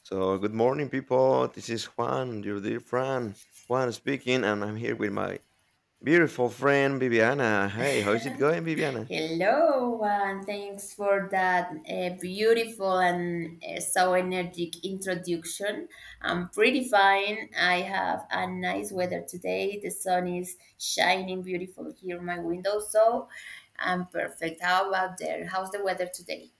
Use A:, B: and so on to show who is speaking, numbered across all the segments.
A: So, good morning, people. This is Juan, your dear friend. Juan speaking, and I'm here with my beautiful friend Viviana. Hey, how is it going, Viviana?
B: Hello, and thanks for that beautiful and so energetic introduction. I'm pretty fine. I have a nice weather today. The sun is shining beautiful here in my window, so I'm perfect. How about there? How's the weather today?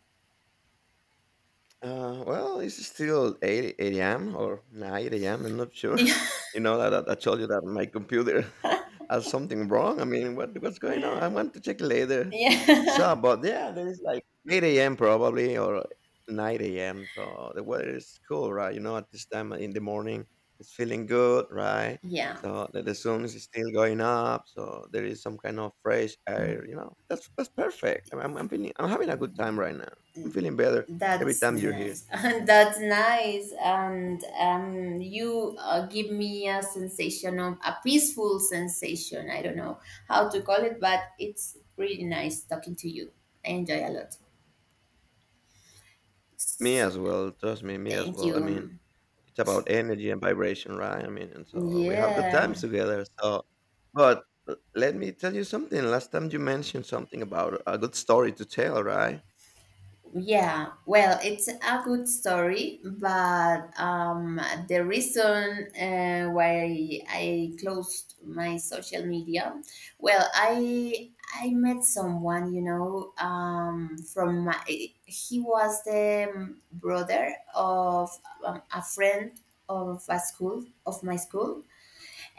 A: It's still 8 a.m. or 9 a.m. I'm not sure. You know, that I told you that my computer has something wrong. I mean, what's going on? I want to check later.
B: Yeah.
A: So, but yeah, there is like 8 a.m. probably or 9 a.m. So the weather is cool, right? You know, at this time in the morning, it's feeling good, right?
B: Yeah.
A: So the sun is still going up. So there is some kind of fresh air. You know, that's perfect. I'm feeling, I'm having a good time right now. I'm feeling better. Every
B: That's
A: time you're here.
B: nice. That's nice. And you give me a sensation of a peaceful sensation. I don't know how to call it, but it's really nice talking to you. I enjoy a lot.
A: Me as well. Trust me, me as
B: Thank
A: well. I mean,
B: you.
A: it's about energy and vibration, right? I mean, and so we have good times
B: Yeah.
A: together. So, but let me tell you something. Last time you mentioned something about a good story to tell, right?
B: Yeah, well, it's a good story, but the reason why I closed my social media, well, I met someone, you know, from my, he was the brother of a friend of a school of my school,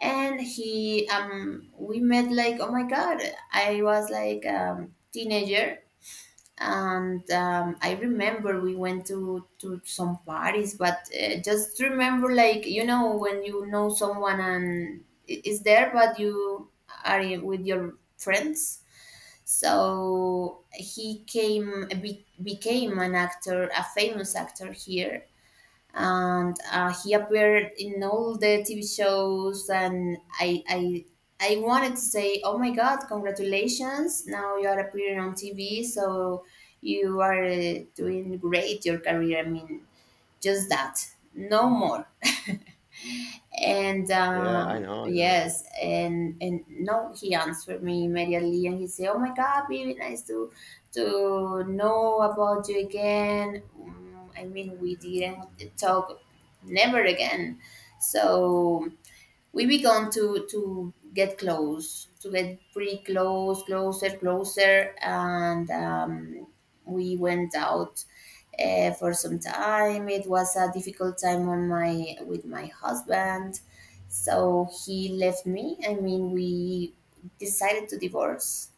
B: and he we met like, oh my god, I was like teenager and I remember we went to some parties, but just remember like, you know, when you know someone and is there, but you are with your friends. So he came became an actor, a famous actor here, and he appeared in all the TV shows. And I wanted to say, oh my God, congratulations! Now you are appearing on TV, so you are doing great your career. I mean, just that, no more. And
A: Yeah, I know, I know.
B: yes, and no, he answered me immediately, and he said, "Oh my God, baby, nice to know about you again." I mean, we didn't talk never again, so we began to get close to get pretty close, closer and we went out for some time. It was a difficult time on my with my husband, so he left me. I mean, we decided to divorce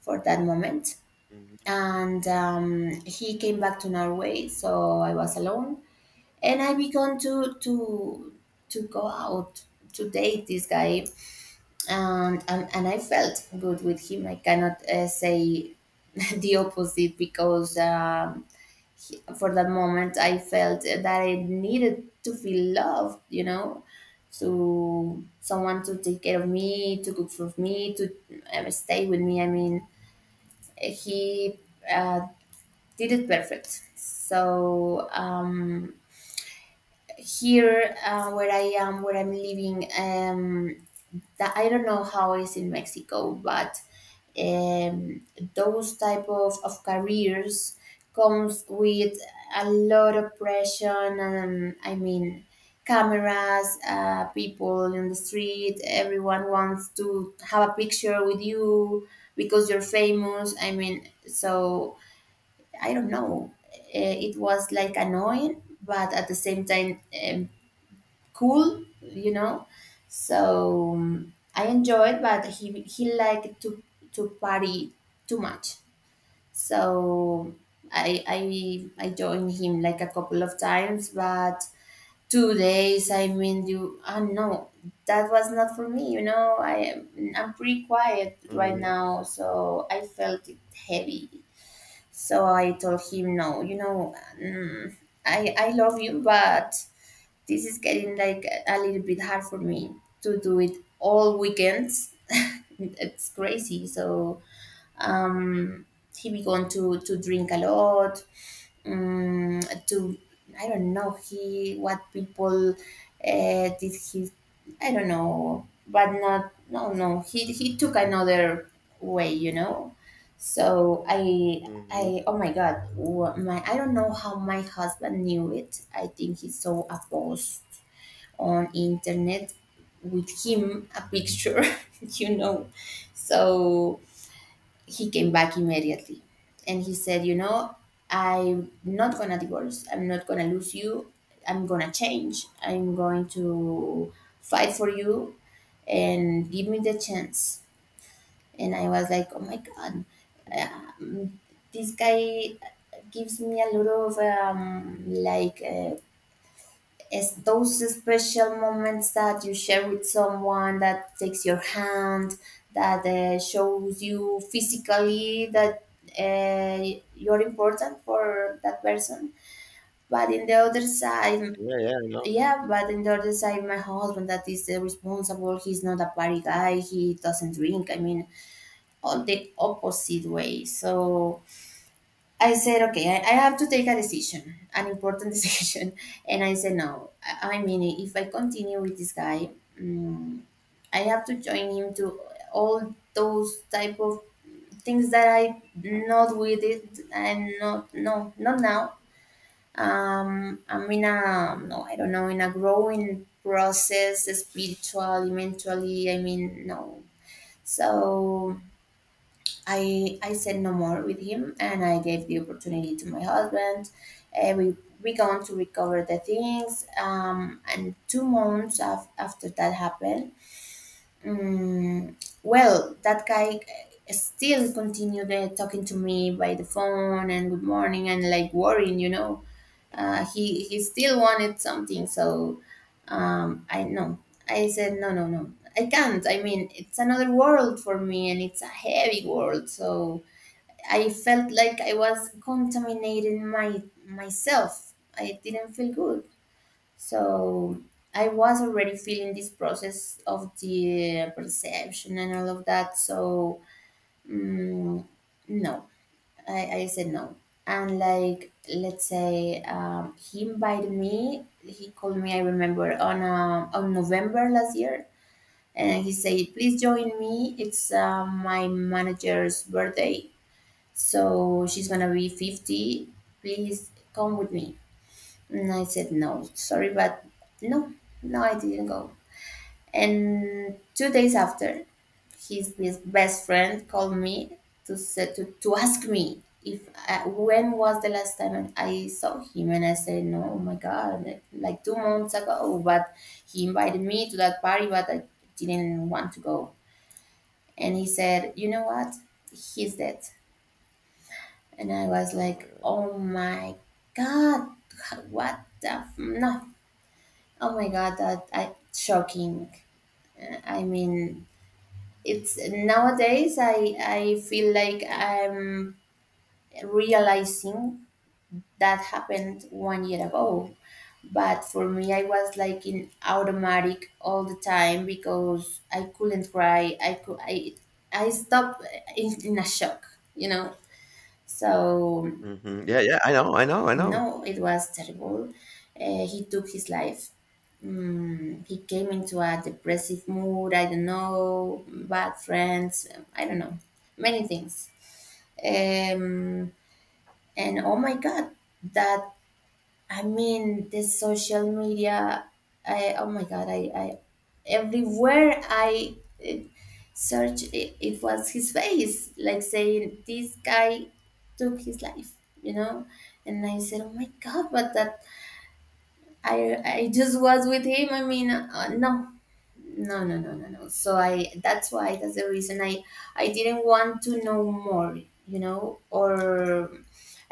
B: for that moment.
A: hmm
B: And he came back to Norway, so I was alone, and I began to to go out to date this guy, and and I felt good with him. I cannot say the opposite because for that moment I felt that I needed to feel loved. You know. To someone to take care of me, to cook for me, to stay with me. I mean, he uh, did it perfect. So here where I am, where I'm living, that I don't know how it's in Mexico, but um, those type of careers comes with a lot of pressure. And I mean, cameras, people in the street, everyone wants to have a picture with you because you're famous. I mean, so I don't know. It was like annoying, but at the same time, cool, you know. So I enjoyed, but he liked to party too much. So I I I joined him like a couple of times, but two days. I mean, you no, that was not for me. You know, I'm pretty quiet right
A: hmm
B: now, so I felt it heavy. So I told him no. You know, I love you, but this is getting like a little bit hard for me to do it all weekends. It's crazy. So um, he began to drink a lot. Um, to I don't know he what people did he I don't know, but not no no he took another way, you know. So
A: hmm
B: I oh my god, wha- my I don't know how my husband knew it. I think he's so opposed on internet with him a picture. You know, so he came back immediately, and he said, you know, I'm not gonna divorce. I'm not gonna lose you. I'm gonna change. I'm going to fight for you and give me the chance. And I was like, oh my god, um, this guy gives me a lot of it's those special moments that you share with someone that takes your hand, that shows you physically that you're important for that person. But in the other side,
A: Yeah, yeah, I know.
B: yeah, but in the other side, my husband that is responsible, he's not a party guy, he doesn't drink. I mean, all the opposite way. So I said, okay, I have to take a decision, an important decision. And I said, no. I mean, if I continue with this guy, mm, I have to join him to all those type of things that I not with it. And not, no, not now. I'm in a, no, I don't know, in a growing process, spiritually, mentally. I mean, no. So I said no more with him, and I gave the opportunity to my husband. And we gone to recover the things. And two months after that happened, um, well, that guy still continued talking to me by the phone and good morning and like worrying, you know. He still wanted something, so I know. I said no, no, no. I can't. I mean, it's another world for me, and it's a heavy world, so. I felt like I was contaminating my myself. I didn't feel good. So I was already feeling this process of the perception and all of that. So mm, no, I said no. And like let's say he invited me. He called me. I remember on November last year, and he said, "Please join me. It's my manager's birthday, so she's gonna be 50. Please come with me." And I said, No, sorry, but no, no, I didn't go. And two days after, his best friend called me to ask me if I, when was the last time I saw him. And I said, No, oh my God, like two months ago. But he invited me to that party, but I didn't want to go. And he said, You know what? He's dead. And I was
A: Oh my
B: like,
A: gosh, that's.
B: oh my god, no, oh my god, that I shocking. I mean, it's nowadays I feel like I'm realizing that happened one year ago. But for me, I was like in automatic all the time because I couldn't cry. I could I stopped in a shock, you know. So
A: Yeah, yeah, I know, I know, I know.
B: no, it was terrible. He took his life. He came into a depressive mood. I don't know, bad friends. I don't know, many things. Um, and oh my God, that I mean, the social media. I oh my God, I everywhere I uh, search, it was his face, like saying this guy took his life. You know, and I said, "Oh my God!" But that I I just was with him. I mean, no. So I that's why, that's the reason I didn't want to know more, you know, or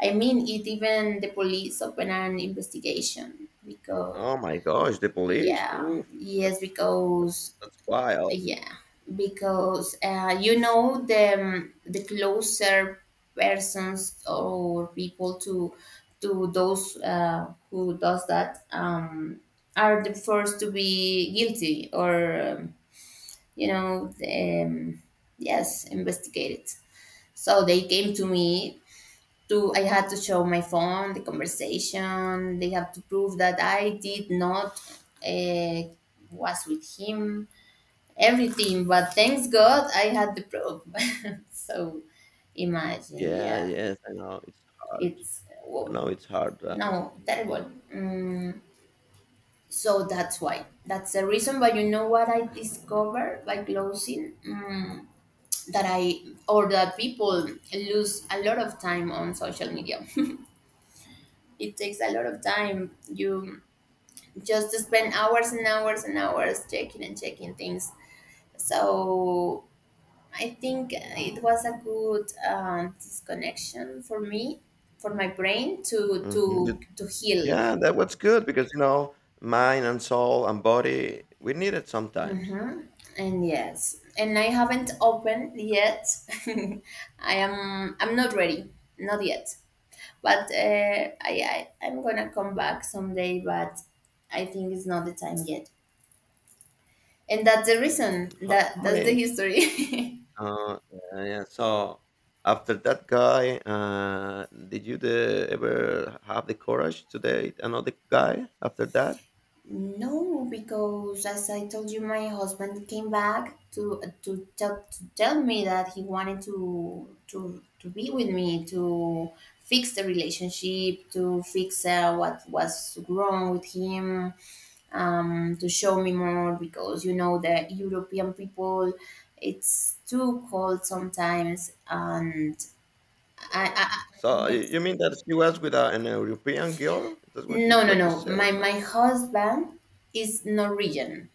B: I mean, it even the police open an investigation because
A: Oh my gosh, the police!
B: yeah,
A: Oof,
B: yes,
A: that's that's
B: because
A: that's wild.
B: yeah, because you know the closer persons or people to those who does that, are the first to be guilty or you know, yes, investigated. So they came to me to I had to show my phone, the conversation. They have to prove that I did not uh, was with him, everything, but thanks god I had the probe. So imagine,
A: Yeah,
B: yeah,
A: yes, I know. It's hard.
B: it's whoa,
A: No, it's hard.
B: no terrible. So that's why, that's the reason. But you know what I discovered by closing, that I or that people lose a lot of time on social media. It takes a lot of time, you just spend hours and hours and hours checking and checking things. So I think it was a good disconnection for me, for my brain to
A: Mhm.
B: to
A: Good.
B: to heal.
A: Yeah, that was good because you know mind and soul and body we need it sometimes.
B: Hmm. And yes, and I haven't opened yet. I'm not ready, not yet. But I'm gonna come back someday. But I think it's not the time yet. And that's the
A: Mm,
B: reason.
A: How, how
B: That's the
A: many?
B: history.
A: Uh, yeah. So after that guy, did ever have the courage to date another guy after that?
B: No, because as I told you, my husband came back to tell me that he wanted to be with me to fix the relationship, to fix what was wrong with him, to show me
A: Mm.
B: more because, you know, the European people, it's too cold sometimes, and I, I, I
A: So you,
B: yeah.
A: you mean that she was with a, an European girl? That's
B: No, no,
A: what you
B: no.
A: say? Oh my
B: My
A: god. Yeah.
B: husband is Norwegian,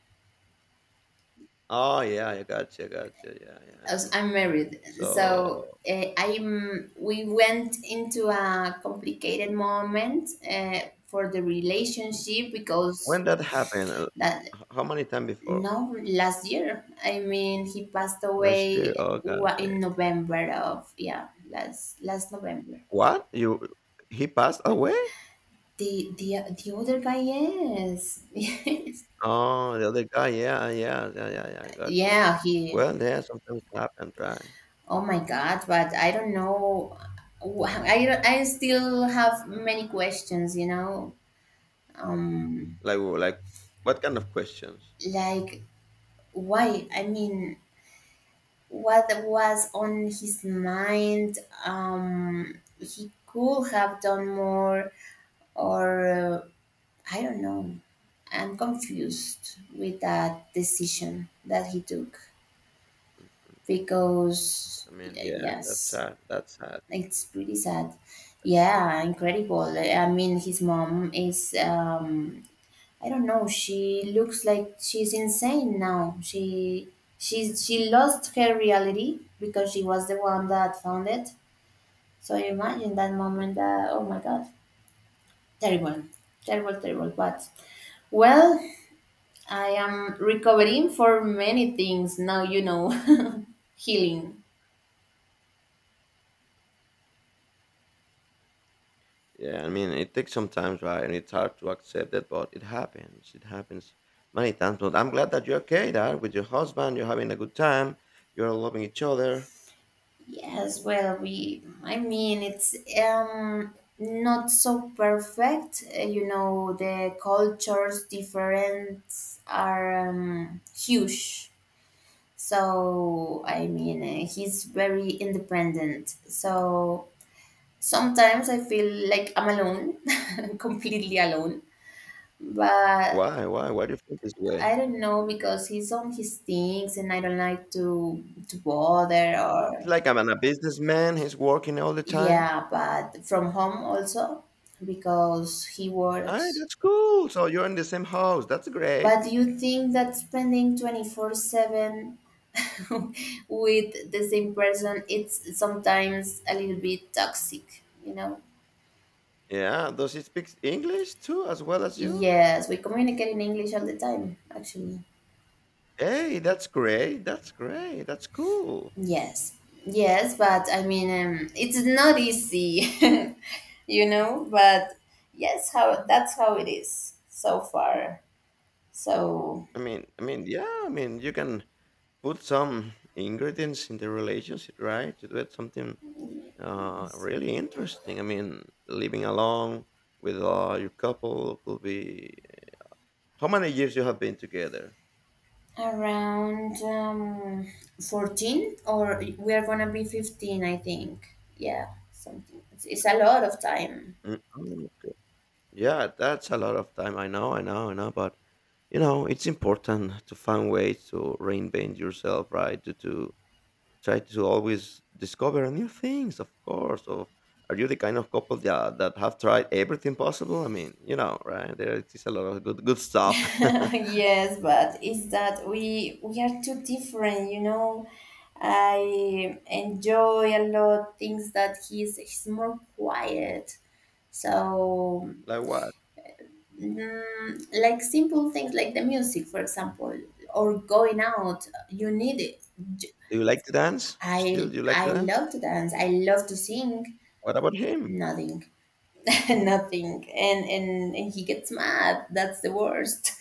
A: Oh yeah, I gotcha, gotcha. Yeah, yeah, I
B: as
A: know.
B: I'm married, so
A: So.
B: I'm. We went into a complicated moment for the
A: Mm.
B: relationship because
A: When that happened?
B: that
A: How many times before?
B: no last year. I mean, he passed
A: Last year?
B: away
A: Oh, God, okay.
B: in November of, yeah, last last November.
A: What? You? He passed away?
B: The other guy, yes, yes,
A: Oh, the other guy. Yeah, yeah, yeah, yeah, yeah. I got you.
B: yeah, he.
A: Well, yeah, sometimes happen, right?
B: Oh my God, but I don't know. Wh- I don't- I still have many questions, um
A: Like, w- like, what kind of questions?
B: like, why? I mean, what was on his mind? He could have done more. Or I don't know. I'm confused with that decision that he took because
A: I mean, yeah, that's
B: yes,
A: sad. That's sad.
B: it's pretty sad. Yeah, incredible. I mean, his mom is, I don't know. She looks like she's insane now. She lost her reality because she was the one that found it. So you imagine that moment
A: Hmm.
B: that, oh my god, terrible, terrible, terrible. But well, I am recovering for many things now, you know, healing.
A: Yeah, I mean, it takes some time, right? And it's hard to accept it, but it happens. It happens many times. But I'm glad that you're okay, Dad, with your husband. You're having a good time. You're loving each other.
B: Yes, well, I mean, it's not so perfect. You know, the cultures difference are, huge. So, I mean, he's very independent. So, sometimes I feel like I'm alone, completely alone. But
A: Why do you feel this way?
B: I don't know, because he's on his things and I don't like to bother
A: It's
B: or
A: like I'm a businessman. He's working all the time.
B: yeah, but from home also, because he
A: Hey,
B: works.
A: that's cool. So you're in the same house. That's great.
B: But do you think that spending 24/7 with the same person it's sometimes a little bit toxic, you know?
A: Yeah. Does he speak English too, as well as you?
B: Yes, we communicate in English all the time, actually.
A: Hey, that's great. That's great. That's cool.
B: Yes. Yes, but I mean it's not easy, you know, but yes, how that's how it is so far. So,
A: I mean, yeah. I mean, you can put some ingredients in the relationship, right? To do it something
B: yes.
A: really interesting. I mean, living alone with your couple could be. How many years you have been together?
B: Around 14, or we are gonna be 15, I think. Yeah, something it's a lot of time.
A: Mm, oh, yeah, that's a lot of time. I know, I know, I know. But you know, it's important to find ways to reinvent yourself, right? To Try to always discover new things, of course. Of are you the kind of couple that have tried everything possible? I mean, you know, right? There is a lot of good stuff.
B: Yes, but it's that we are too different, you know. I enjoy a lot things that he's more quiet. So,
A: Like what?
B: mm, like simple things, like the music, for example, or going out. You need it. J-
A: Do you like to dance? Still, do you like to
B: I
A: dance?
B: love to dance. I love to sing.
A: What about him?
B: Nothing.
A: Mhm.
B: Nothing. And and he gets mad. That's the worst.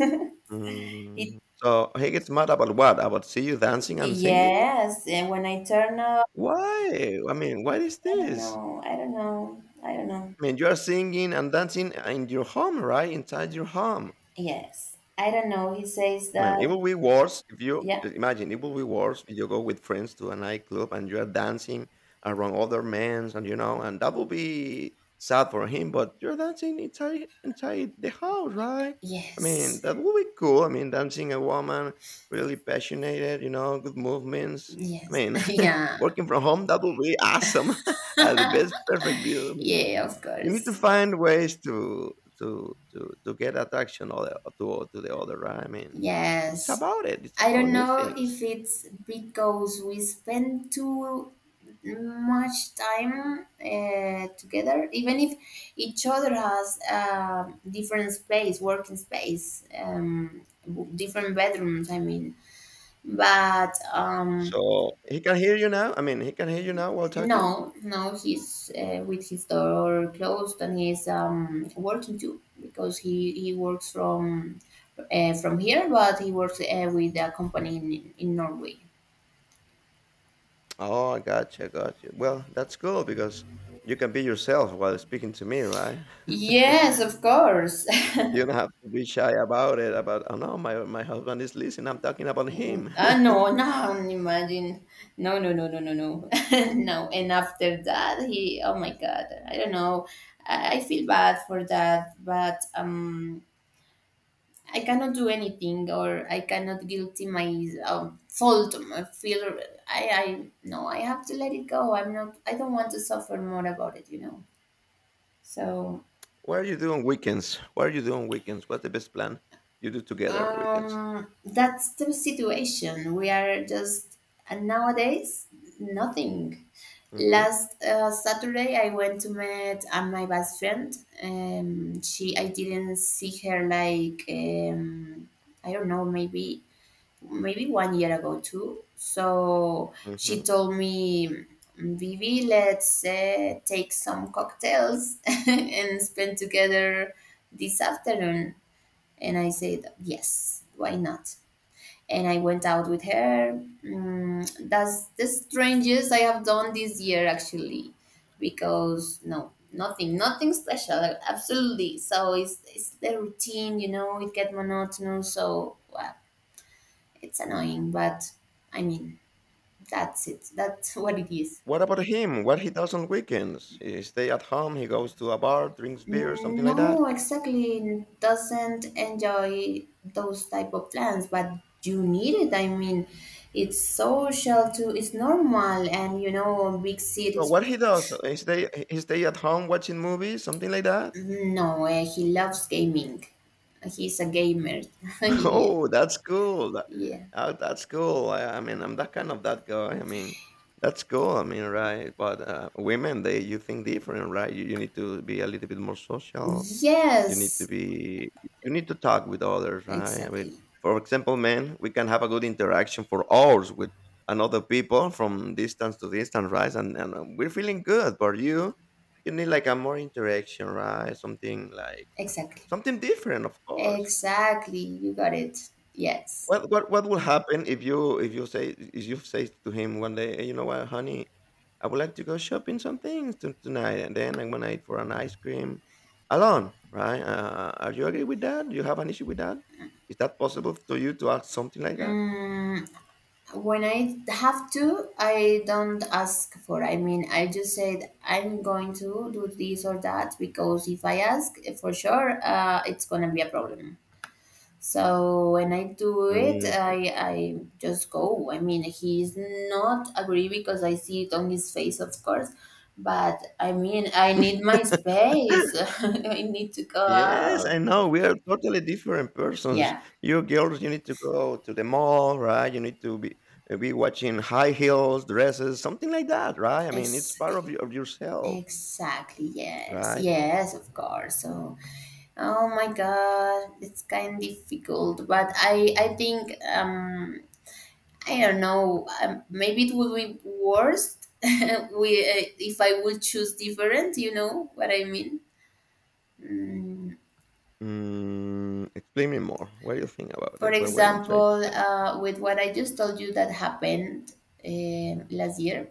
B: it,
A: Mm. So he gets mad about what? About see you dancing and singing?
B: yes, and when I turn up,
A: Why? I mean, what is
B: i don't
A: this?
B: know i don't know I don't know.
A: I mean, you are singing and dancing in your home, right? Inside your home.
B: Yes, I don't know, he says
A: I mean, it
B: that.
A: will be worse if you
B: Yeah.
A: imagine it will be worse if you go with friends to a nightclub and you are dancing around other men, and you know, and that will be sad for him. But you're dancing inside the house, right? I mean,
B: Yes.
A: that will be cool. I mean, dancing a woman really passionate, you know, good movements. I
B: Yes.
A: mean,
B: Yeah.
A: working from home that will be awesome. The best perfect view. I mean,
B: Yeah, of
A: you need to
B: course.
A: find ways to get attraction or to the other, right? I mean, it's
B: Yes.
A: about it's
B: I
A: about
B: don't
A: new
B: know if
A: things.
B: it's because we spend too much time together, even if each other has a different space, working space, different bedrooms, I mean. But
A: So he can hear you now? I mean, he can hear you now while talking?
B: no, no, he's with his door closed and he's, working too, because he works from here, but he works with a company in Norway.
A: Oh, I gotcha, gotcha. Well, that's cool because you can be yourself while speaking to me, right?
B: Yes, of course.
A: You don't have to be shy about it, about, oh no, my husband is listening, I'm talking about him.
B: Ah, no, no, imagine. No, no, no, no, no, no. No, and after that, he, oh my god, I don't know. I feel bad for that, but I cannot do anything, or I cannot guilty my, fault. I feel I No, I have to let it go. I'm not. I don't want to suffer more about it, you know. So
A: What are you doing weekends? What's the best plan you do together on weekends?
B: that's the situation. We are just and Nowadays, nothing.
A: hmm
B: Last Saturday, I went to meet my best friend. She, I didn't see her like, I don't know maybe maybe one year ago too. So she
A: hmm
B: told me, Vivi, let's take some cocktails and spend together this afternoon. And I said, yes, why not? And I went out with her. Mm, that's the strangest I have done this year, actually, because nothing, nothing special, absolutely. So it's the routine, you know, it gets monotonous. So, wow, it's annoying, but I mean, that's it. That's what it is.
A: What about him? What he does on weekends? He stay at home. He goes to a bar, drinks beer, something like that.
B: No, exactly. Doesn't enjoy those type of plans, but you need it. I mean, it's social too. It's normal, and you know, big
A: So
B: cities.
A: what he does? He stay at home watching movies, something like that.
B: No, he loves gaming. He's a gamer. Yeah,
A: Oh, that's cool.
B: yeah.
A: Oh, that's cool. I mean, I'm that kind of that guy. I mean, that's cool. I mean, right? But women, they you think different, right? You need to be a little bit more social. You need to
B: Yes,
A: be you need to talk with others, right? I mean,
B: exactly,
A: for example, men, we can have a good interaction for hours with another people from distance to distance, right? And We're feeling good, but you need like a more interaction, right? Something like
B: exactly,
A: something different, of course.
B: exactly. You got it. Yes.
A: What will happen if you say to him one day, "Hey, you know what, honey, I would like to go shopping some things to, tonight, and then I'm gonna eat for an ice cream alone, right? Are you agree with that? Do you have an issue with that? Is that possible to you to ask something like that?
B: Mm, when I have to, I don't ask for. I mean, I just said I'm going to do this or that, because if I ask for sure, it's gonna be a problem. So when I do it,
A: Mm.
B: I just go. I mean, he's not agree, because I see it on his face, of course. But I mean, I need my space. I need to go
A: Yes, I
B: out.
A: know. We are totally different persons.
B: Yeah,
A: You girls, you need to go to the mall, right? You need to be Be watching high heels, dresses, something like that, right? I mean, it's part
B: exactly.
A: of, your, of yourself,
B: Exactly. Yes.
A: right?
B: Yes, of course. So. Oh my god, it's kind of difficult, but I think I don't know. Maybe it would be worse we if I would choose different. You know what I mean? Mm,
A: Mm, explain me more. What do you think about
B: for
A: it? What are you trying to
B: example,
A: say?
B: with what I just told you that happened last year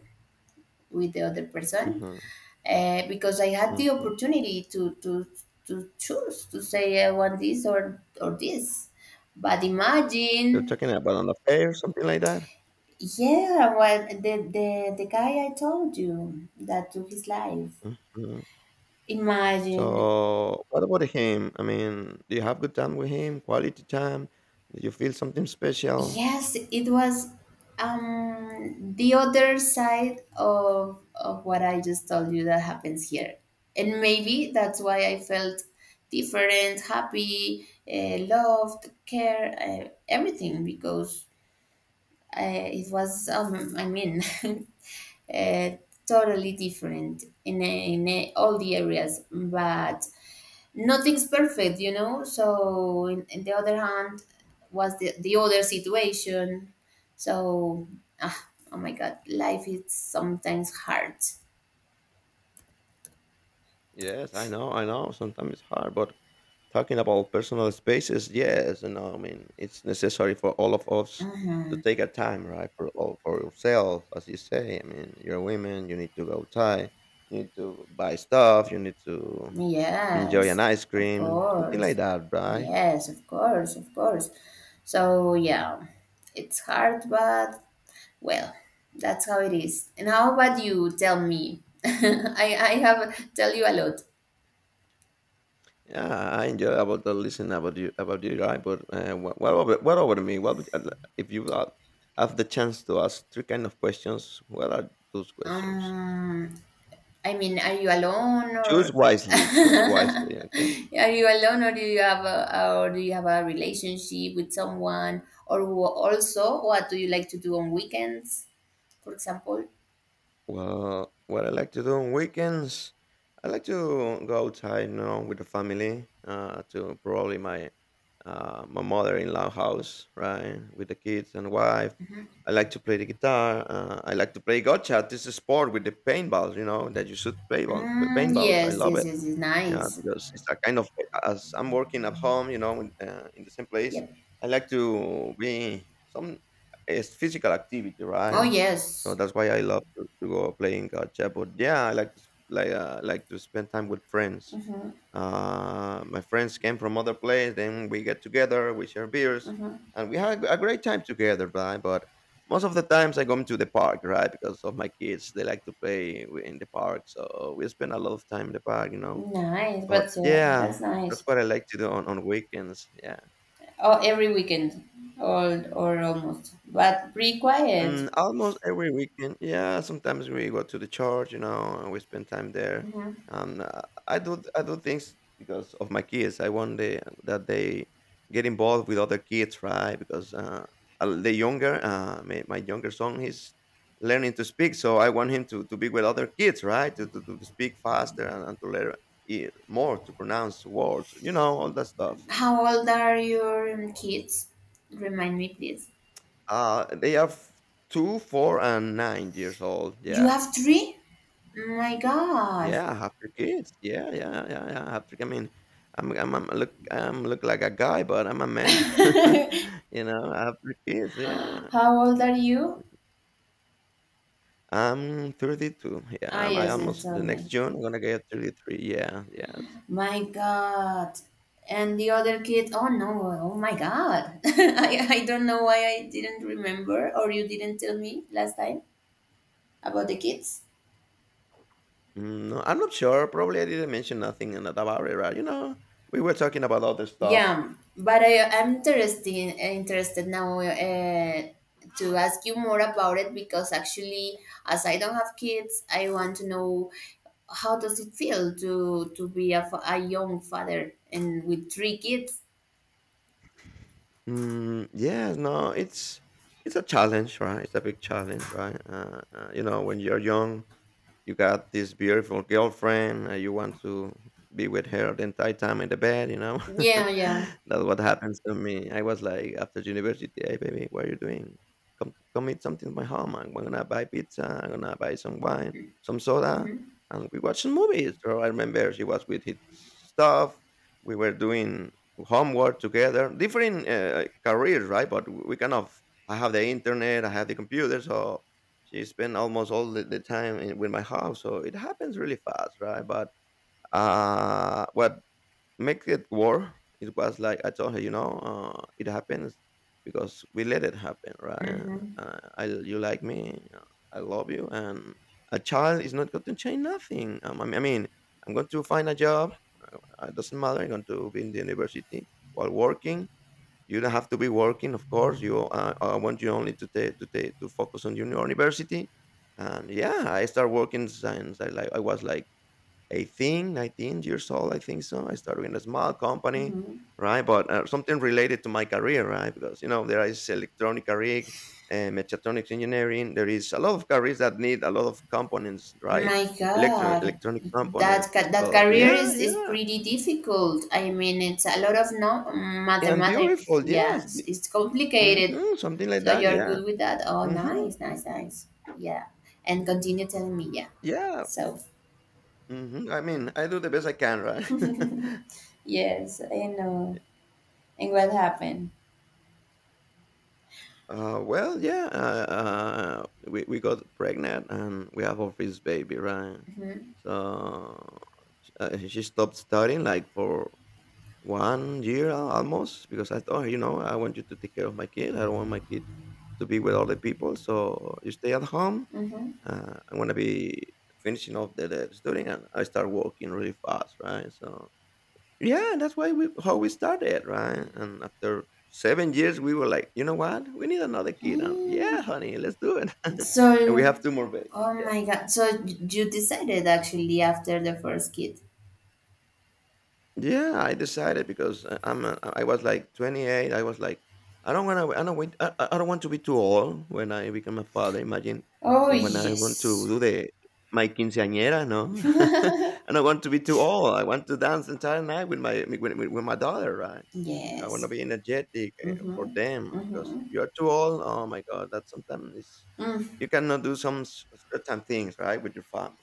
B: with the other person,
A: Mhm,
B: because I had the
A: mhm.
B: opportunity to choose to say I want this, or this, but
A: You're
B: imagine.
A: talking about an affair, something like that?
B: Yeah, well, the guy I told you that took his life.
A: Mhm.
B: Imagine.
A: So, what about him? I mean, do you have good time with him? Quality time? Do you feel something special?
B: Yes, it was the other side of what I just told you that happens here. And maybe that's why I felt different, happy, loved, care, everything, because uh, it was I mean, uh, totally different in all the areas, but nothing's perfect, you know. So, in the other hand, was the other situation. So, ah, oh my god, life is sometimes hard.
A: Yes, I know, I know. Sometimes it's hard, but talking about personal spaces, yes, you know, I mean, it's necessary for all of us to take a time, right, for all for yourself, as you say. I mean, you're a woman, you need to go tie. You need to buy stuff, you need to enjoy an
B: Yes,
A: ice
B: of
A: cream, something like
B: course.
A: that, right?
B: Yes, of course, of course. So, yeah, it's hard, but well, that's how it is. And how about you? Tell me. I have tell you a lot.
A: Yeah, I enjoy about the listen about you, right? But what over to me? What would, if you have the chance to ask three kind of questions? What are those questions?
B: Um, I mean, are you alone, or
A: Choose wisely, okay?
B: are you alone, or do you have a, or do you have a relationship with someone? Or also, what do you like to do on weekends, for example?
A: Well, what I like to do on weekends, I like to go outside, you know, with the family, to probably my my mother-in-law house, right, with the kids and wife. I like to play the guitar. I like to play gotcha. This is a sport with the paintballs, you know, that you should play on
B: Mm,
A: paintballs. I
B: yes,
A: love
B: yes,
A: it.
B: yes, yes,
A: Yeah,
B: nice.
A: because it's a kind of as I'm working at home, you know, in the same place.
B: Yep.
A: I like to be some it's physical activity,
B: Oh
A: right? So
B: yes.
A: that's why I love to go playing gotcha. But yeah, I like to like like to spend time with friends.
B: Mm-hmm,
A: My friends came from other place. Then we get together, we share beers,
B: mm-hmm.
A: and we have a great time together. Right? But most of the times I go to the park, right? Because of my kids, they like to play in the park. So we spend a lot of time in the park, you know.
B: Nice,
A: But
B: but yeah,
A: yeah,
B: that's
A: that's
B: nice.
A: what I like to do on weekends. Yeah.
B: Oh, every weekend, or almost, but pretty quiet.
A: Mm, almost every weekend. Yeah, sometimes we go to the church, you know, and we spend time there.
B: Hmm.
A: Um, uh, I do things because of my kids. I want that they get involved with other kids, right? Because the younger, my younger son, he's learning to speak, so I want him to be with other kids, right? To speak faster and to learn more, to pronounce words, you know, all that stuff.
B: How old are your kids? Remind me, please.
A: They are 2, 4, and 9 years old.
B: You
A: Yeah.
B: have three? Oh my gosh.
A: Yeah, have your kids. Yeah, yeah, yeah, yeah. Have to, I mean, I'm look like a guy, but I'm a man. You know, I have 3 kids. Yeah,
B: How old are you?
A: I'm 32. Yeah,
B: Ah,
A: I'm, I
B: yes, you
A: almost the
B: told
A: next
B: me.
A: June I'm gonna get 33. Yeah, yes.
B: My god. And the other kid, oh no, oh my god. I don't know why I didn't remember, or you didn't tell me last time about the kids.
A: Mm, no, I'm not sure. Probably I didn't mention nothing about it, right? We were talking about other stuff.
B: Yeah, but I am interested now to ask you more about it, because actually, as I don't have kids, I want to know how does it feel to be a, a young father and with three kids.
A: Mm, yeah, no, it's a challenge, right? It's a big challenge, right? You know, when you're young, you got this beautiful girlfriend. You want to be with her the entire time in the bed, you know.
B: Yeah, yeah.
A: That's what happens to me. I was like, after university, hey baby, what are you doing? Come eat something at my home. I'm gonna buy pizza. I'm gonna buy some wine, some soda,
B: Hmm.
A: and we watch some movies. So I remember she was with his stuff. We were doing homework together, different careers, right? But we kind of, I have the internet, I have the computer, so she spent almost all the time in, with my house, so it happens really fast, right. But what makes it worse, it was like I told her, you know, it happens because we let it happen, right.
B: Hmm.
A: I, you like me, I love you, and a child is not going to change nothing. I mean, I'm going to find a job. It doesn't matter, I'm going to be in the university while working. You don't have to be working. Of course you I want you only to take to take to focus on your university. And yeah, I started working since I I was like 18, 19 years old, I think. So I started in a small company,
B: Hmm.
A: right? But something related to my career, right? Because you know, there is electronic rig mechatronics engineering. There is a lot of careers that need a lot of components, right?
B: My god,
A: Electronic components,
B: that
A: oh
B: career
A: yeah,
B: is
A: yeah,
B: pretty difficult. I mean, it's a lot of no
A: and
B: mathematics.
A: beautiful, yes.
B: Yes, it's complicated.
A: Hmm, something like
B: So
A: that,
B: you're
A: yeah.
B: good with that? Oh,
A: Hmm.
B: nice, nice, nice. Yeah. And continue telling me, yeah.
A: Yeah.
B: So,
A: Mhm. I mean, I do the best I can, right?
B: yes, I know. And what happened?
A: We got pregnant and we have our first baby, right?
B: Mhm,
A: So she stopped studying like for 1 year almost, because I told her, you know, I want you to take care of my kid. I don't want my kid to be with other people. So you stay at home.
B: mhm.
A: I'm going to be finishing off the studying, and I start working really fast, right? So yeah, and that's why we how we started, right? And after 7 years, we were like, you know what? We need another kid. And yeah,
B: Mm.
A: honey, let's do it. And we
B: So,
A: have two more babies.
B: oh my god. So you decided actually after the first kid.
A: Yeah, I decided because I was like 28. I was like, I don't wanna, I don't wait, I don't want to be too old when I become a father. Imagine
B: Oh,
A: when I want to
B: yes.
A: do the my quinceañera, no. I don't want to be too old. I want to dance the entire night with with my daughter, right? I want to
B: Yes.
A: be energetic, eh, for
B: Mm-hmm.
A: them, because
B: Mm-hmm.
A: if you are too old, oh my God, that sometimes is you cannot do certain things, right, with your family.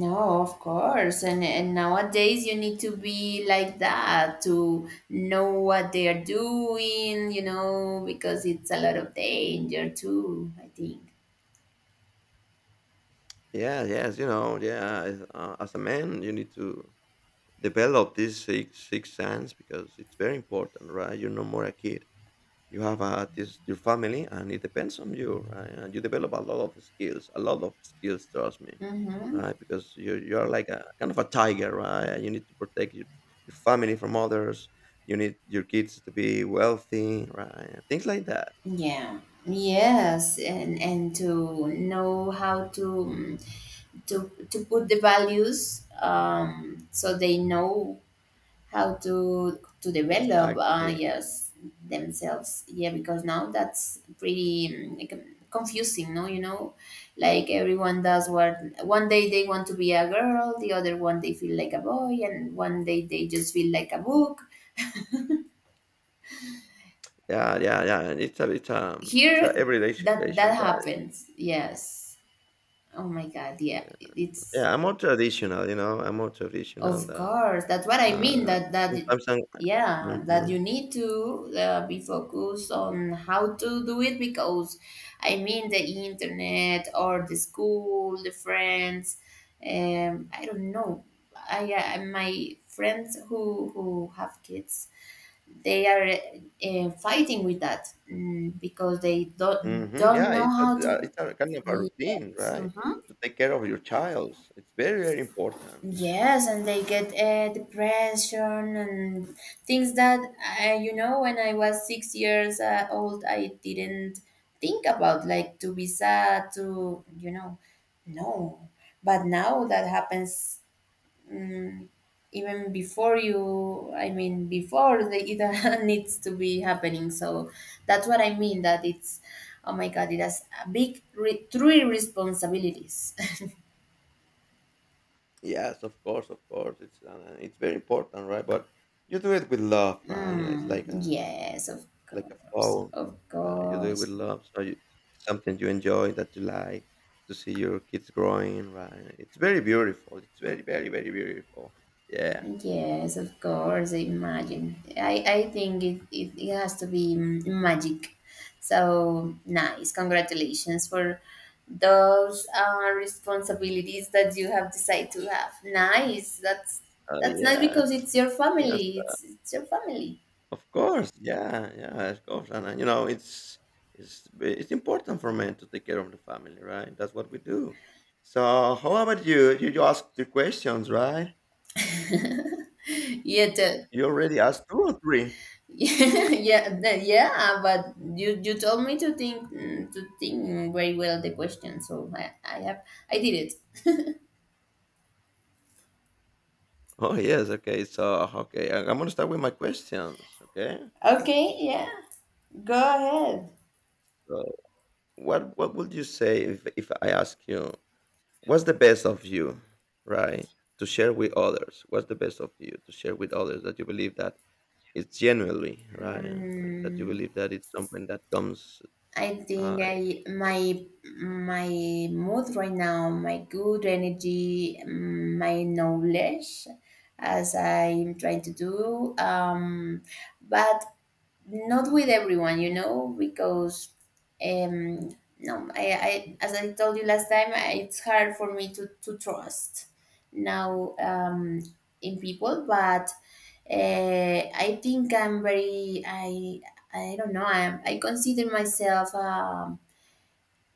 B: No, of course. And nowadays you need to be like that to know what they are doing, you know, because it's a lot of danger too, I think.
A: Yeah, yes, you know, yeah. As a man, you need to develop these six sense, because it's very important, right? You're no more a kid. You have this your family, and it depends on you, right? And you develop a lot of skills, a lot of skills. Trust me,
B: Mm-hmm.
A: right? Because you are like a kind of a tiger, right? And you need to protect your family from others. You need your kids to be wealthy, right? Things like that.
B: Yeah. Yes, and to know how to put the values so they know how to develop
A: Exactly.
B: yes themselves, yeah, because now that's pretty mm, like, confusing, no, you know, like everyone does what one day they want to be a girl, the other one they feel like a boy, and one day they just feel like a book
A: Yeah. And it's a it's a
B: here.
A: everyday
B: That that
A: situation, right?
B: happens, yes. Oh my god, yeah,
A: Yeah,
B: it's
A: yeah, I'm more traditional, you know. I'm more traditional
B: of
A: than
B: course, that's what I mean.
A: Uh,
B: That that
A: sometimes I'm
B: Yeah, that you
A: mhm,
B: need to be focused on how to do it, because I mean the internet, or the school, the friends. I don't know. I, my friends who have kids, they are fighting with that, mm, because they
A: mhm,
B: don't
A: yeah,
B: know how to.
A: it's a kind of a routine,
B: Yes.
A: right?
B: Mhm.
A: To take care of your child, it's very, very important.
B: Yes, and they get depression and things that you know. When I was 6 years old, I didn't think about, like, to be sad, to you know, no. But now that happens, um, even before you. I mean, before the, it needs to be happening. So that's what I mean. That it's oh my god, it has a big three responsibilities.
A: Yes, of course, of course. It's very important, right? But you do it with love, right? Yeah, it's
B: Mm,
A: like a
B: yes, of
A: it's like a
B: course,
A: phone,
B: of
A: right? You do it with
B: course.
A: love, so you, it's something you enjoy, that you like to see your kids growing, right? It's very beautiful. It's very, very, very beautiful. Yeah.
B: Yes, of course. Imagine. I think it has to be mm, magic. So nice. Congratulations for those responsibilities that you have decided to have. Nice. That's nice,
A: Yes.
B: because it's your
A: Yes.
B: family. It's your family.
A: Of course, yeah, yeah, of course. And you know, it's it's important for men to take care of the family, right? That's what we do. So, how about you? You asked the questions, right?
B: Yeah.
A: You already asked two or three.
B: Yeah, yeah, yeah, but you told me to think, mm, to think very well the question, so, I have I did it.
A: Oh yes, okay. So okay, I'm gonna start with my questions. Okay.
B: Okay, yeah, go ahead.
A: So what would you say if I ask you what's the best of you, right? To share with others. What's the best of you to share with others, that you believe that it's genuinely right. I mean, that you believe that it's something that comes.
B: I think
A: Uh,
B: I my my mood right now, my good energy, mm, my knowledge, as I'm trying to do. But not with everyone, you know, because um, no, I, as I told you last time, it's hard for me to trust now in people, but I think I'm very I don't know, I consider myself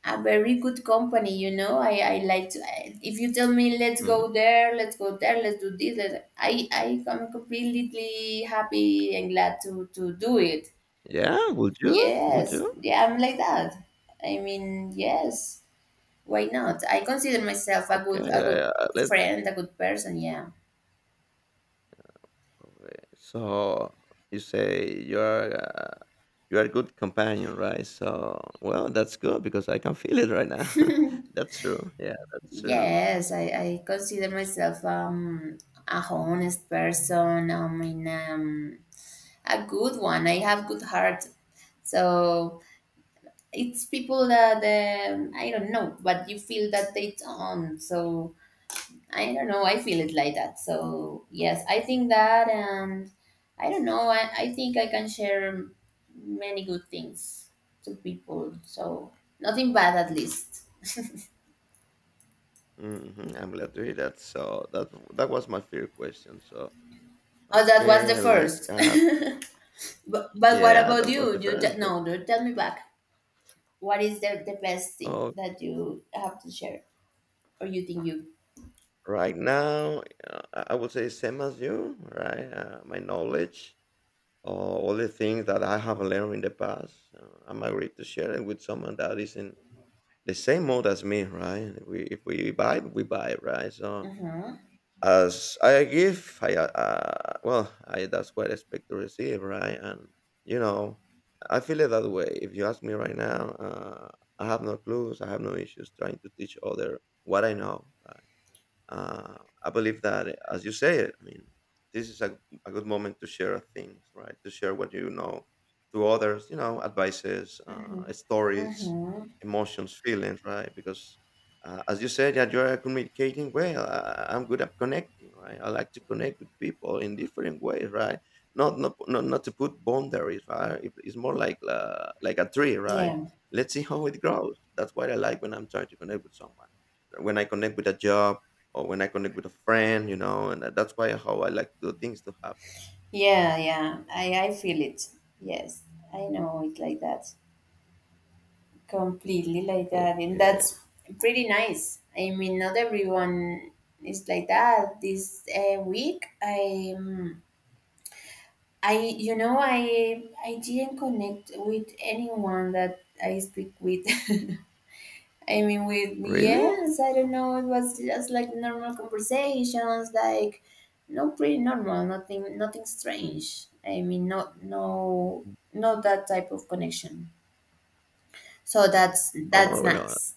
B: a very good company. You know, I like to if you tell me let's go
A: mm.
B: there, let's go there, let's do this. I am completely happy and glad to do it.
A: Yeah, would you? Would
B: Yes,
A: you?
B: yeah, I'm like that. I mean, yes, why not? I consider myself a good
A: Okay,
B: a
A: yeah,
B: good
A: yeah, let's.
B: friend, a good person, yeah.
A: Okay, so you say you are a good companion, right? So well, that's good because I can feel it right now. That's true. Yeah, that's true.
B: Yes, I consider myself a honest person. I mean a good one. I have good heart. So it's people that I don't know, but you feel that they don't. So I don't know. I feel it like that. So yes, I think that, and I don't know. I think I can share many good things to people. So nothing bad, at least.
A: Hmm. I'm glad to hear that. So that that was my fear question. So
B: Oh, that was the
A: okay, let's
B: first.
A: ask.
B: But what
A: Yeah,
B: about
A: that was
B: you?
A: the
B: You
A: first
B: te- no, do tell me back. What is the best thing
A: thing.
B: that you have to share, or you think you?
A: Right now, I would say same as you, right? My knowledge, or all the things that I have learned in the past, I'm agreed to share it with someone that is in the same mode as me, right? We, if we vibe, we vibe, right? So
B: Mhm.
A: as I give, I well, I that's what I expect to receive, right? And you know, I feel it that way. If you ask me right now, uh, I have no clues, I have no issues trying to teach other what I know, right? Uh, I believe that, eh, as you said, I mean, this is a good moment to share things, right? To share what you know to others, you know, advices,
B: Mhm.
A: stories,
B: Mm-hmm.
A: emotions, feelings, right? Because, as you said, that you're communicating well. I'm good at connecting, right? I like to connect with people in different ways, right? Not to put boundaries, right? It's more like a tree, right?
B: Yeah.
A: Let's see how it grows. That's what I like when I'm trying to connect with someone. When I connect with a job, or when I connect with a friend, you know, and that's why how I like the things to happen.
B: Yeah, yeah. I feel it. Yes. I know it like that. Completely like that, and
A: Okay,
B: that's pretty nice. I mean, not everyone is like that. This week, I, I, I didn't connect with anyone that I speak with. I mean, with
A: really?
B: yes, I don't know, it was just like normal conversations, like no, pretty normal, nothing strange. I mean, not no, not that type of connection. So that's
A: Oh well,
B: nice.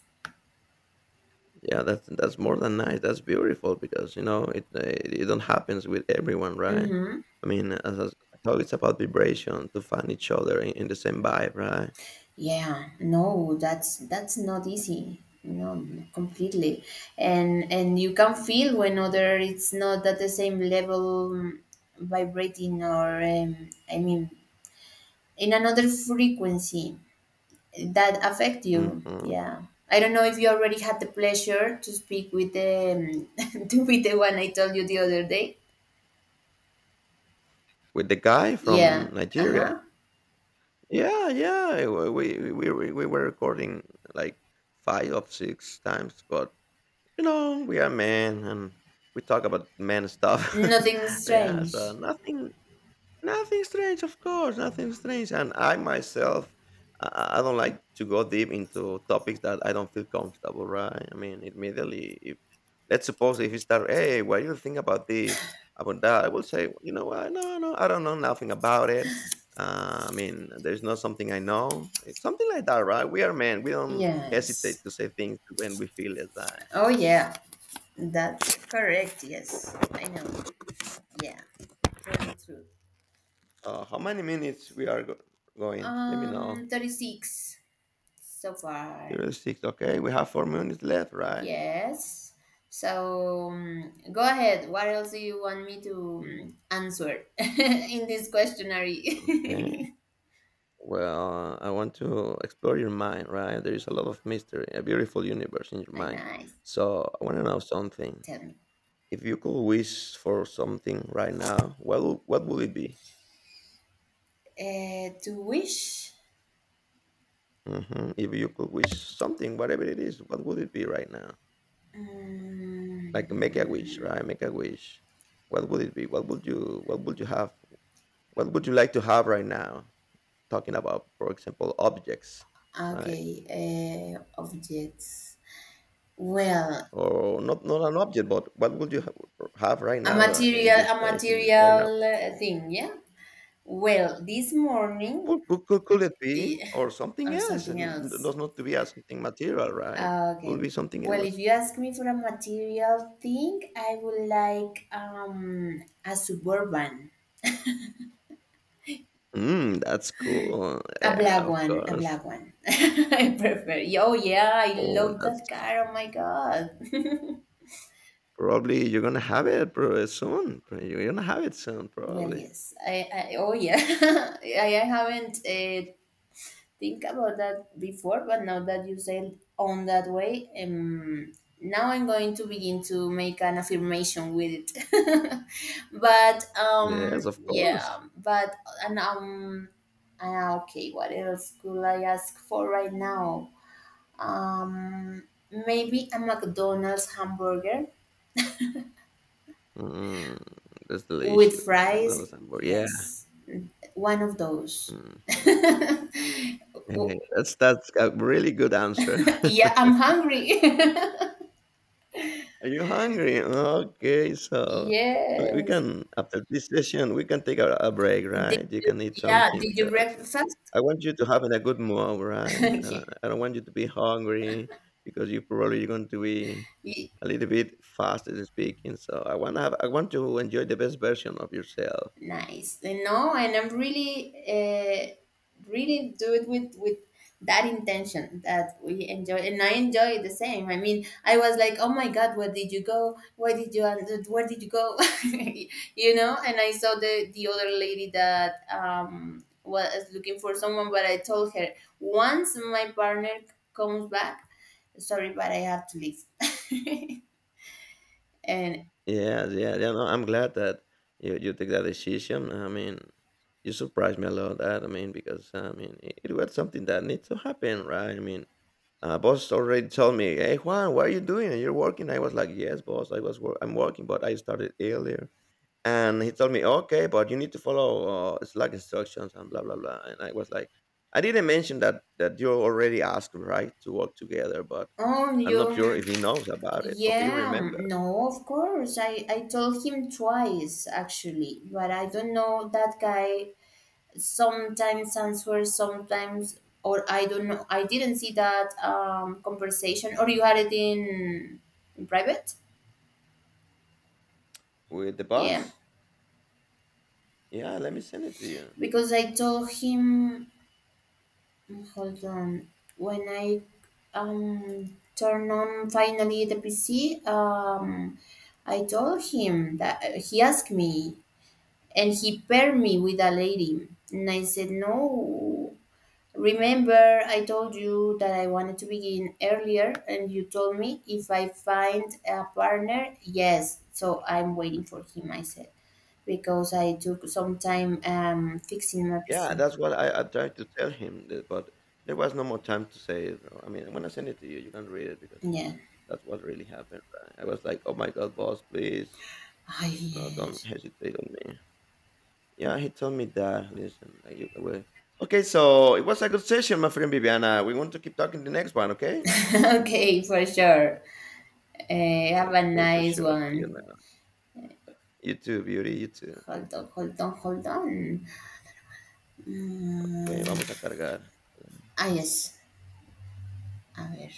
A: yeah, that's more than nice. That's beautiful, because you know, it it it don't happens with everyone, right?
B: Mhm.
A: I mean, as I talk, it's about vibration to find each other in the same vibe, right?
B: Yeah, no, that's not easy. No, completely. And you can feel when other it's not at the same level, vibrating, or I mean, in another frequency that affect you.
A: Hmm.
B: Yeah. I don't know if you already had the pleasure to speak with the to be the one I told you the other day.
A: With the guy from
B: Yeah.
A: Nigeria.
B: Uh-huh.
A: Yeah, yeah. We were recording like five or six times, but you know, we are men and we talk about men stuff.
B: Nothing
A: Yeah, so
B: strange.
A: nothing, nothing strange, of course, nothing strange. And I myself, I don't like to go deep into topics that I don't feel comfortable, right? I mean, immediately, if let's suppose if you start, hey, what do you think about this, about that? I will say, you know what? No, no, I don't know nothing about it. I mean, there's not something I know. It's something like that, right? We are men. We don't hesitate
B: Yes.
A: to say things when we feel it, right?
B: Oh yeah. That's correct. Yes, I know. Yeah, very true.
A: How many minutes we are going? Let me know.
B: 36 so far.
A: 36. Okay, we have 4 minutes left, right?
B: Yes. So go ahead. What else do you want me to answer in this questionnaire?
A: Yeah. Well, I want to explore your mind, right? There is a lot of mystery, a beautiful universe in your
B: Ah,
A: mind.
B: nice.
A: So I want to know something.
B: Tell me.
A: If you could wish for something right now, what what would it be?
B: To wish.
A: Hmm. If you could wish something, whatever it is, what would it be right now? Like make a
B: Mm,
A: wish, right? Make a wish. What would it be? What would you have? What would you like to have right now? Talking about, for example, objects, right?
B: okay. Objects. Well,
A: Or not an object, but what would you have right now in your
B: a
A: space? In right
B: material
A: now,
B: thing. Yeah. Well, this morning
A: could it be,
B: eh,
A: or something
B: or
A: else?
B: something
A: And it
B: else.
A: does not to be as something material, right?
B: Ah, okay.
A: Could be something
B: Well, if
A: else.
B: you ask me for a material thing, I would like a suburban,
A: Mm, that's cool.
B: a
A: Yeah,
B: black
A: of
B: one, a
A: course.
B: black one. I prefer. Oh yeah, I
A: Oh,
B: love
A: that's
B: that car. Oh my god.
A: probably you're gonna have it soon. You're gonna have it soon,
B: Well,
A: probably.
B: yes. I oh yeah. I haven't think about that before, but now that you said on that way, now I'm going to begin to make an affirmation with it. but
A: Yes, of course.
B: yeah, but and okay, what else could I ask for right now? Um, maybe a McDonald's hamburger
A: Mm, that's delicious.
B: with
A: McDonald's
B: fries.
A: hamburger. Yeah.
B: Yes, one of those.
A: Hmm.
B: yeah,
A: Hey, that's a really good answer.
B: I'm hungry.
A: Are you hungry? Okay, so we can after this session we can take a break,
B: Yes.
A: right? You can eat
B: Yeah,
A: something
B: did you
A: because
B: breakfast?
A: I want you to have a good mood, right?
B: yeah.
A: I don't want you to be hungry because you probably going to be
B: Y-
A: a little bit fast as speaking. So I want to have I want to enjoy the best version of yourself.
B: Nice. And no, and I'm really, really do it with that intention that we enjoy, and I enjoy the same. I mean, I was like, oh my god, where did you go? Where did you? Where did you go? you know. And I saw the other lady that was looking for someone, but I told her once my partner comes back, sorry, but I have to leave. and
A: Yeah, yeah, yeah. No, I'm glad that you take that decision. I mean, you surprised me a lot. That I mean, because I mean, it was something that needs to happen, right? I mean, boss already told me, "Hey, Juan, what are you doing? You're working." I was like, "Yes, boss. I was work. I'm working, but I started earlier." And he told me, "Okay, but you need to follow Slack instructions and blah blah blah." And I was like, "I didn't mention that that you're already asked, right, to work together, but
B: oh,
A: I'm not sure
B: you.
A: if he knows about it or if he
B: Yeah,
A: remembers
B: no, of course. I told him twice actually, but I don't know, that guy sometimes answers, sometimes, or I don't know. I didn't see that conversation, or you had it in private?
A: with the
B: Yeah.
A: boss." Yeah, let me send it to you.
B: Because I told him, hold on. When I turn on finally the PC, I told him that he asked me and he paired me with a lady. And I said, no, remember, I told you that I wanted to begin earlier, and you told me if I find a partner, yes. So I'm waiting for him, I said, because I took some time fixing my
A: Yeah,
B: PC.
A: that's what I tried to tell him, that, but there was no more time to say it. I mean, when I send it to you, you can read it because
B: Yeah.
A: that's what really happened, right? I was like, oh my God, boss, please.
B: Oh,
A: No, don't
B: yes.
A: hesitate on me. Yeah, he told me that. Listen, like you, okay, so it was a good session, my friend Viviana. We want to keep talking the next one, okay?
B: okay, for sure. Have a
A: Okay, for
B: nice
A: sure. See you
B: one.
A: now. You too, beauty. You too.
B: Hold on, hold on, hold on.
A: Okay,
B: Mm,
A: vamos a cargar.
B: ah, yes. A ver.